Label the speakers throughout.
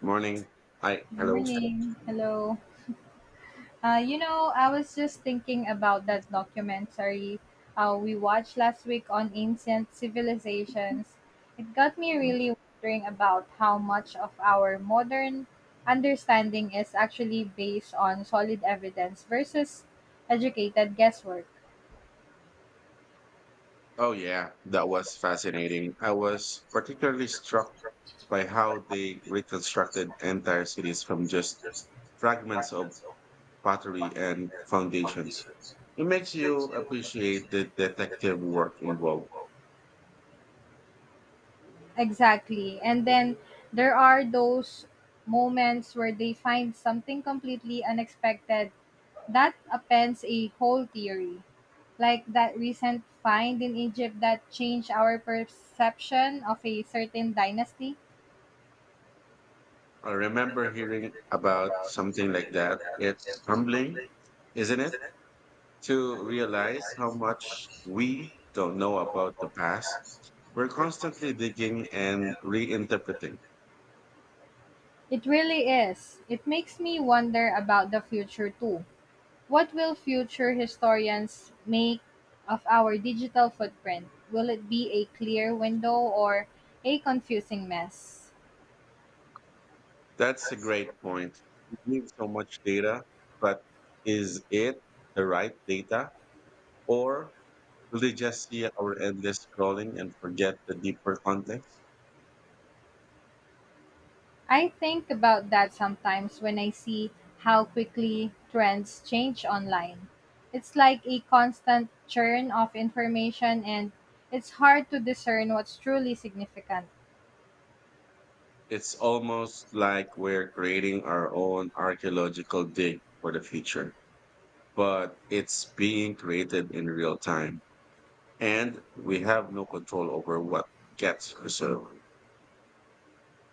Speaker 1: Morning. Hi.
Speaker 2: Good
Speaker 1: Hello.
Speaker 2: morning. Hello. I was just thinking about that documentary we watched last week on ancient civilizations. It got me really wondering about how much of our modern understanding is actually based on solid evidence versus educated guesswork.
Speaker 1: Oh, yeah. That was fascinating. I was particularly struck by how they reconstructed entire cities from just fragments of pottery and foundations. It makes you appreciate the detective work involved.
Speaker 2: Exactly. And then there are those moments where they find something completely unexpected that upends a whole theory, like that recent find in Egypt that changed our perception of a certain dynasty.
Speaker 1: I remember hearing about something like that. It's humbling, isn't it? To realize how much we don't know about the past. We're constantly digging and reinterpreting.
Speaker 2: It really is. It makes me wonder about the future too. What will future historians make of our digital footprint? Will it be a clear window or a confusing mess?
Speaker 1: That's a great point. We give so much data, but is it the right data? Or will they just see our endless scrolling and forget the deeper context?
Speaker 2: I think about that sometimes when I see how quickly trends change online. It's like a constant churn of information, and it's hard to discern what's truly significant
Speaker 1: It's almost like we're creating our own archaeological dig for the future, but it's being created in real time, and we have no control over what gets preserved.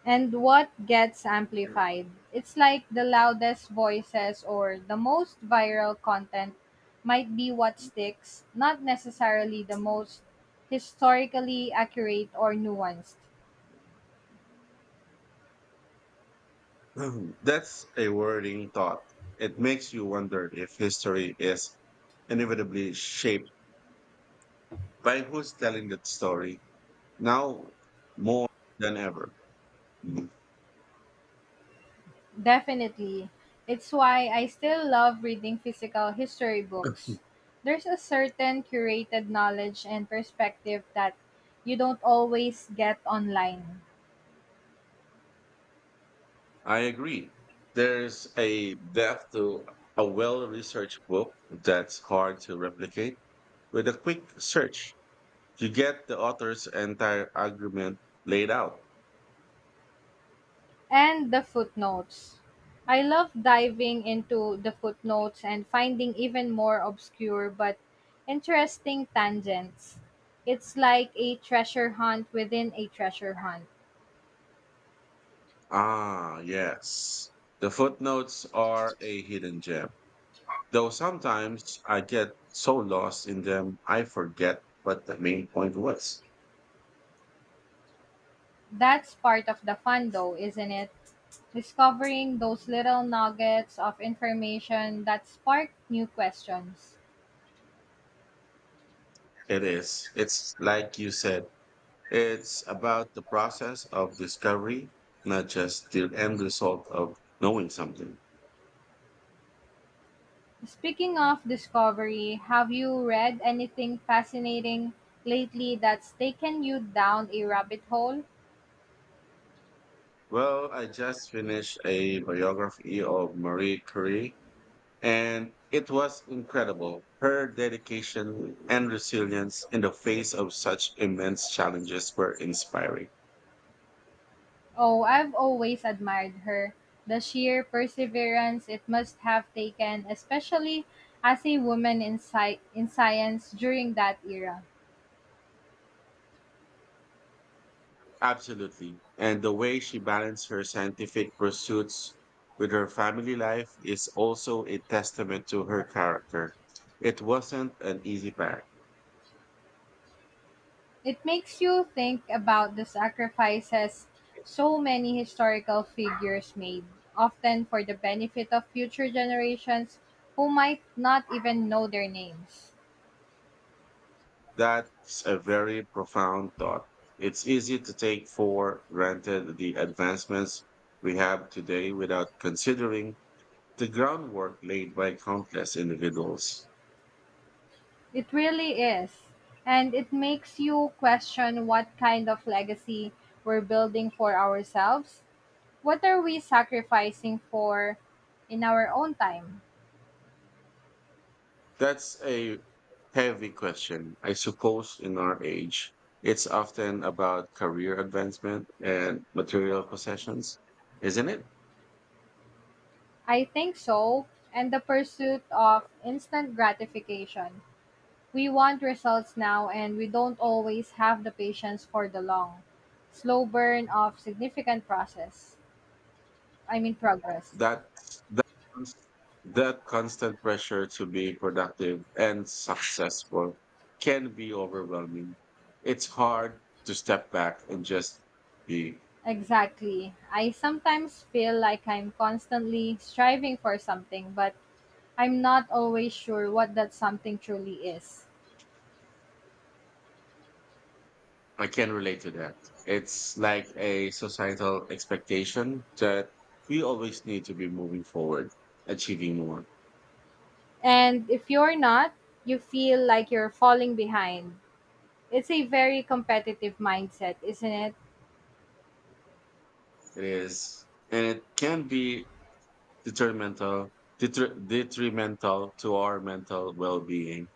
Speaker 2: and what gets amplified. It's like the loudest voices or the most viral content might be what sticks, not necessarily the most historically accurate or nuanced.
Speaker 1: That's a worrying thought. It makes you wonder if history is inevitably shaped by who's telling that story now, more than ever.
Speaker 2: Definitely. It's why I still love reading physical history books. There's a certain curated knowledge and perspective that you don't always get online.
Speaker 1: I agree. There's a depth to a well researched book that's hard to replicate. With a quick search, you get the author's entire argument laid out.
Speaker 2: And the footnotes. I love diving into the footnotes and finding even more obscure but interesting tangents. It's like a treasure hunt within a treasure hunt.
Speaker 1: Ah, yes. The footnotes are a hidden gem, though sometimes I get so lost in them I forget what the main point was.
Speaker 2: That's part of the fun, though, isn't it? Discovering those little nuggets of information that spark new questions.
Speaker 1: It is, it's like you said, it's about the process of discovery, not just the end result of knowing something.
Speaker 2: Speaking of discovery, have you read anything fascinating lately that's taken you down a rabbit hole?
Speaker 1: Well, I just finished a biography of Marie Curie, and it was incredible. Her dedication and resilience in the face of such immense challenges were inspiring.
Speaker 2: Oh, I've always admired her. The sheer perseverance it must have taken, especially as a woman in, in science during that era.
Speaker 1: Absolutely. And the way she balanced her scientific pursuits with her family life is also a testament to her character. It wasn't an easy path.
Speaker 2: It makes you think about the sacrifices so many historical figures made, often for the benefit of future generations who might not even know their names.
Speaker 1: That's a very profound thought. It's easy to take for granted the advancements we have today without considering the groundwork laid by countless individuals.
Speaker 2: It really is. And it makes you question what kind of legacy we're building for ourselves. What are we sacrificing for in our own time?
Speaker 1: That's a heavy question. I suppose in our age, it's often about career advancement and material possessions, isn't it?
Speaker 2: I think so. And the pursuit of instant gratification. We want results now and we don't always have the patience for the long, slow burn of significant process. I mean progress.
Speaker 1: That that cons- that constant pressure to be productive and successful can be overwhelming. It's hard to step back and just be.
Speaker 2: Exactly. I sometimes feel like I'm constantly striving for something, but I'm not always sure what that something truly is.
Speaker 1: I can relate to that. It's like a societal expectation that we always need to be moving forward, achieving more.
Speaker 2: And if you're not, you feel like you're falling behind. It's a very competitive mindset, isn't it?
Speaker 1: It is, and it can be detrimental, detrimental to our mental well-being.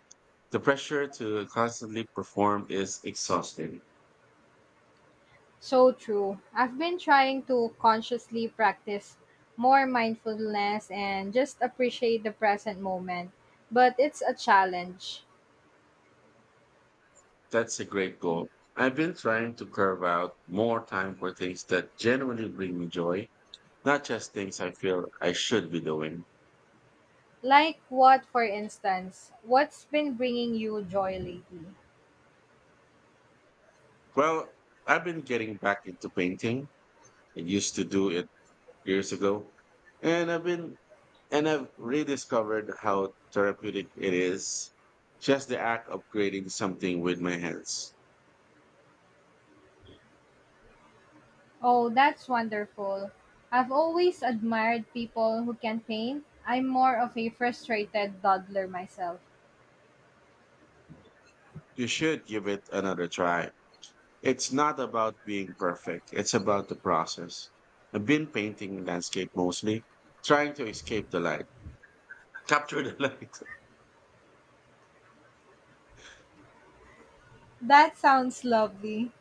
Speaker 1: The pressure to constantly perform is exhausting.
Speaker 2: So true. I've been trying to consciously practice more mindfulness and just appreciate the present moment, but it's a challenge.
Speaker 1: That's a great goal. I've been trying to carve out more time for things that genuinely bring me joy, not just things I feel I should be doing.
Speaker 2: Like what, for instance, what's been bringing you joy lately?
Speaker 1: Well, I've been getting back into painting. I used to do it years ago, and I've been and I've rediscovered how therapeutic it is. Just the act of creating something with my hands.
Speaker 2: Oh, that's wonderful. I've always admired people who can paint. I'm more of a frustrated dawdler myself.
Speaker 1: You should give it another try. It's not about being perfect, it's about the process. I've been painting landscape mostly, trying to capture the light.
Speaker 2: That sounds lovely.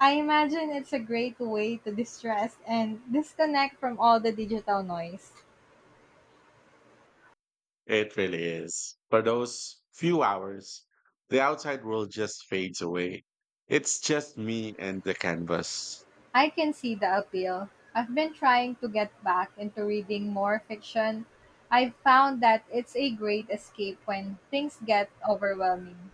Speaker 2: I imagine it's a great way to distress and disconnect from all the digital noise.
Speaker 1: It really is. For those few hours, the outside world just fades away. It's just me and the canvas.
Speaker 2: I can see the appeal. I've been trying to get back into reading more fiction. I've found that it's a great escape when things get overwhelming.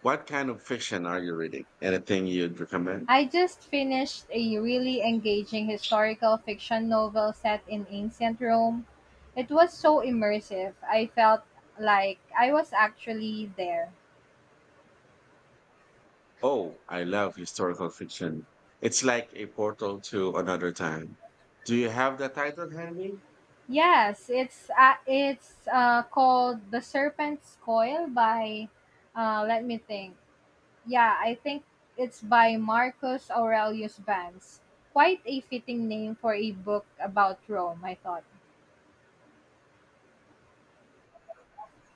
Speaker 1: What kind of fiction are you reading? Anything you'd recommend?
Speaker 2: I just finished a really engaging historical fiction novel set in ancient Rome. It was so immersive. I felt like I was actually there.
Speaker 1: Oh, I love historical fiction. It's like a portal to another time. Do you have the title handy?
Speaker 2: Yes, it's called The Serpent's Coil by let me think. Yeah, I think it's by Marcus Aurelius Vance. Quite a fitting name for a book about Rome, I thought.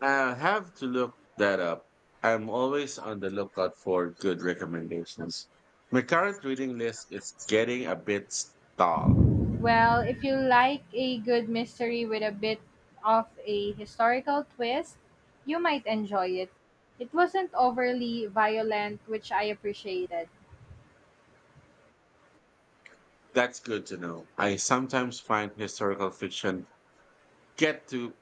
Speaker 1: I'll have to look that up. I'm always on the lookout for good recommendations. My current reading list is getting a bit stalled.
Speaker 2: Well, if you like a good mystery with a bit of a historical twist, you might enjoy it. It wasn't overly violent, which I appreciated.
Speaker 1: That's good to know. I sometimes find historical fiction get to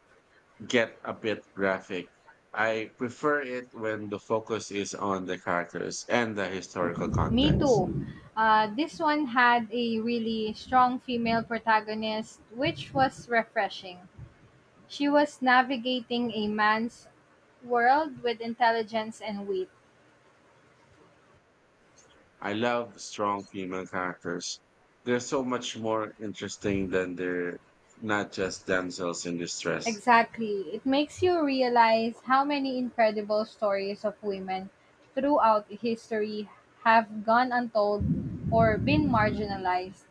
Speaker 1: get a bit graphic. I prefer it when the focus is on the characters and the historical
Speaker 2: Me
Speaker 1: context.
Speaker 2: too. This one had a really strong female protagonist, which was refreshing. She was navigating a man's world with intelligence and wit.
Speaker 1: I love strong female characters. They're so much more interesting than they're not just damsels in distress.
Speaker 2: Exactly. It makes you realize how many incredible stories of women throughout history have gone untold or been marginalized.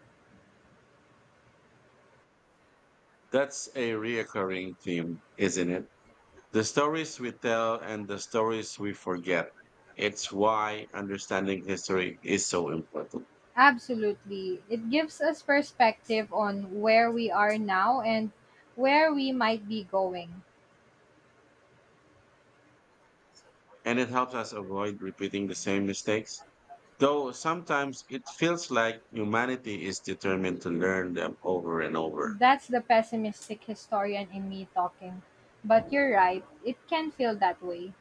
Speaker 1: That's a reoccurring theme, isn't it? The stories we tell and the stories we forget. It's why understanding history is so important.
Speaker 2: Absolutely. It gives us perspective on where we are now and where we might be going.
Speaker 1: And it helps us avoid repeating the same mistakes. Though sometimes it feels like humanity is determined to learn them over and over.
Speaker 2: That's the pessimistic historian in me talking. But you're right, it can feel that way.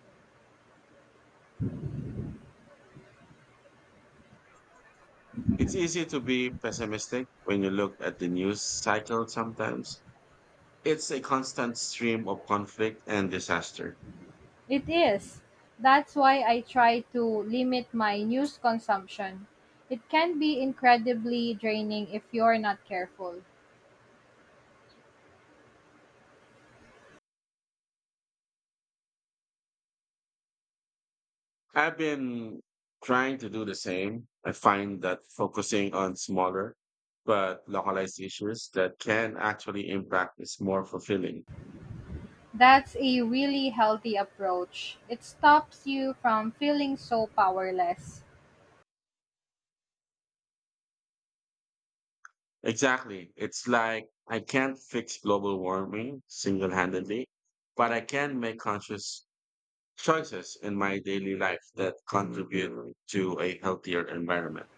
Speaker 1: It's easy to be pessimistic when you look at the news cycle sometimes. It's a constant stream of conflict and disaster.
Speaker 2: It is. That's why I try to limit my news consumption. It can be incredibly draining if you're not careful.
Speaker 1: I've been trying to do the same. I find that focusing on smaller but localized issues that can actually impact is more fulfilling.
Speaker 2: That's a really healthy approach. It stops you from feeling so powerless.
Speaker 1: Exactly. It's like I can't fix global warming single handedly, but I can make conscious choices in my daily life that contribute to a healthier environment.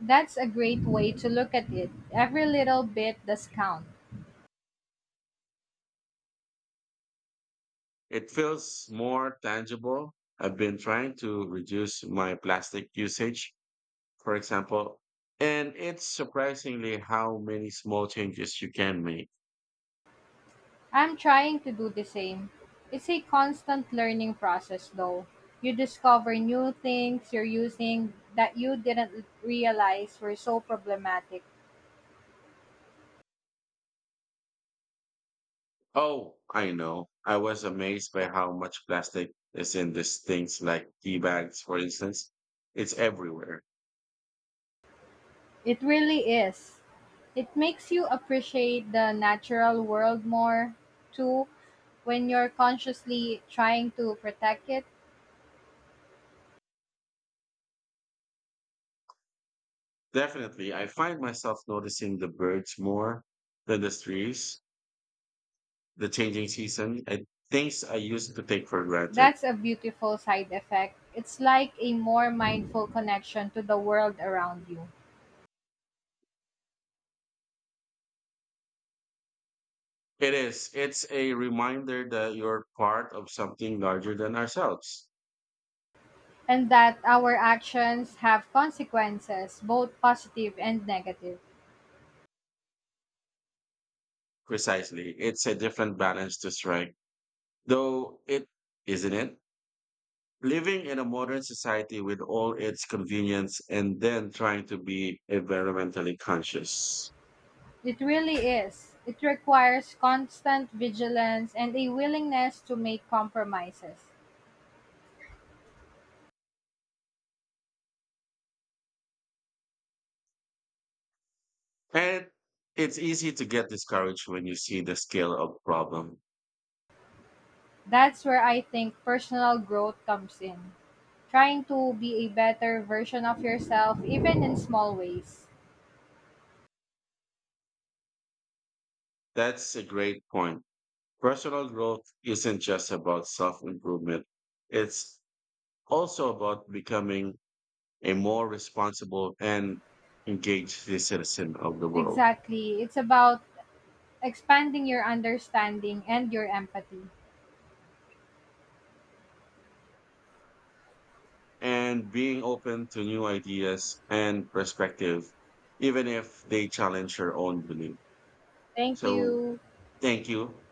Speaker 2: That's a great way to look at it. Every little bit does count.
Speaker 1: It feels more tangible. I've been trying to reduce my plastic usage, for example, and it's surprisingly how many small changes you can make.
Speaker 2: I'm trying to do the same. It's a constant learning process, though. You discover new things you're using that you didn't realize were so problematic.
Speaker 1: Oh, I know. I was amazed by how much plastic is in these things like tea bags, for instance. It's everywhere.
Speaker 2: It really is. It makes you appreciate the natural world more, too, when you're consciously trying to protect it.
Speaker 1: Definitely, I find myself noticing the birds more than the trees, the changing season, and things I used to take for granted.
Speaker 2: That's a beautiful side effect. It's like a more mindful connection to the world around you,
Speaker 1: It is. It's a reminder that you're part of something larger than ourselves.
Speaker 2: and that our actions have consequences, both positive and negative.
Speaker 1: Precisely. It's a different balance to strike. Though it, isn't it? Living in a modern society with all its convenience and then trying to be environmentally conscious.
Speaker 2: It really is. It requires constant vigilance and a willingness to make compromises.
Speaker 1: And it's easy to get discouraged when you see the scale of problem.
Speaker 2: That's where I think personal growth comes in. Trying to be a better version of yourself, even in small ways.
Speaker 1: That's a great point. Personal growth isn't just about self-improvement. It's also about becoming a more responsible and engaged citizen of the world.
Speaker 2: Exactly. It's about expanding your understanding and your empathy.
Speaker 1: And being open to new ideas and perspective, even if they challenge your own belief.
Speaker 2: Thank
Speaker 1: So
Speaker 2: you.
Speaker 1: thank you.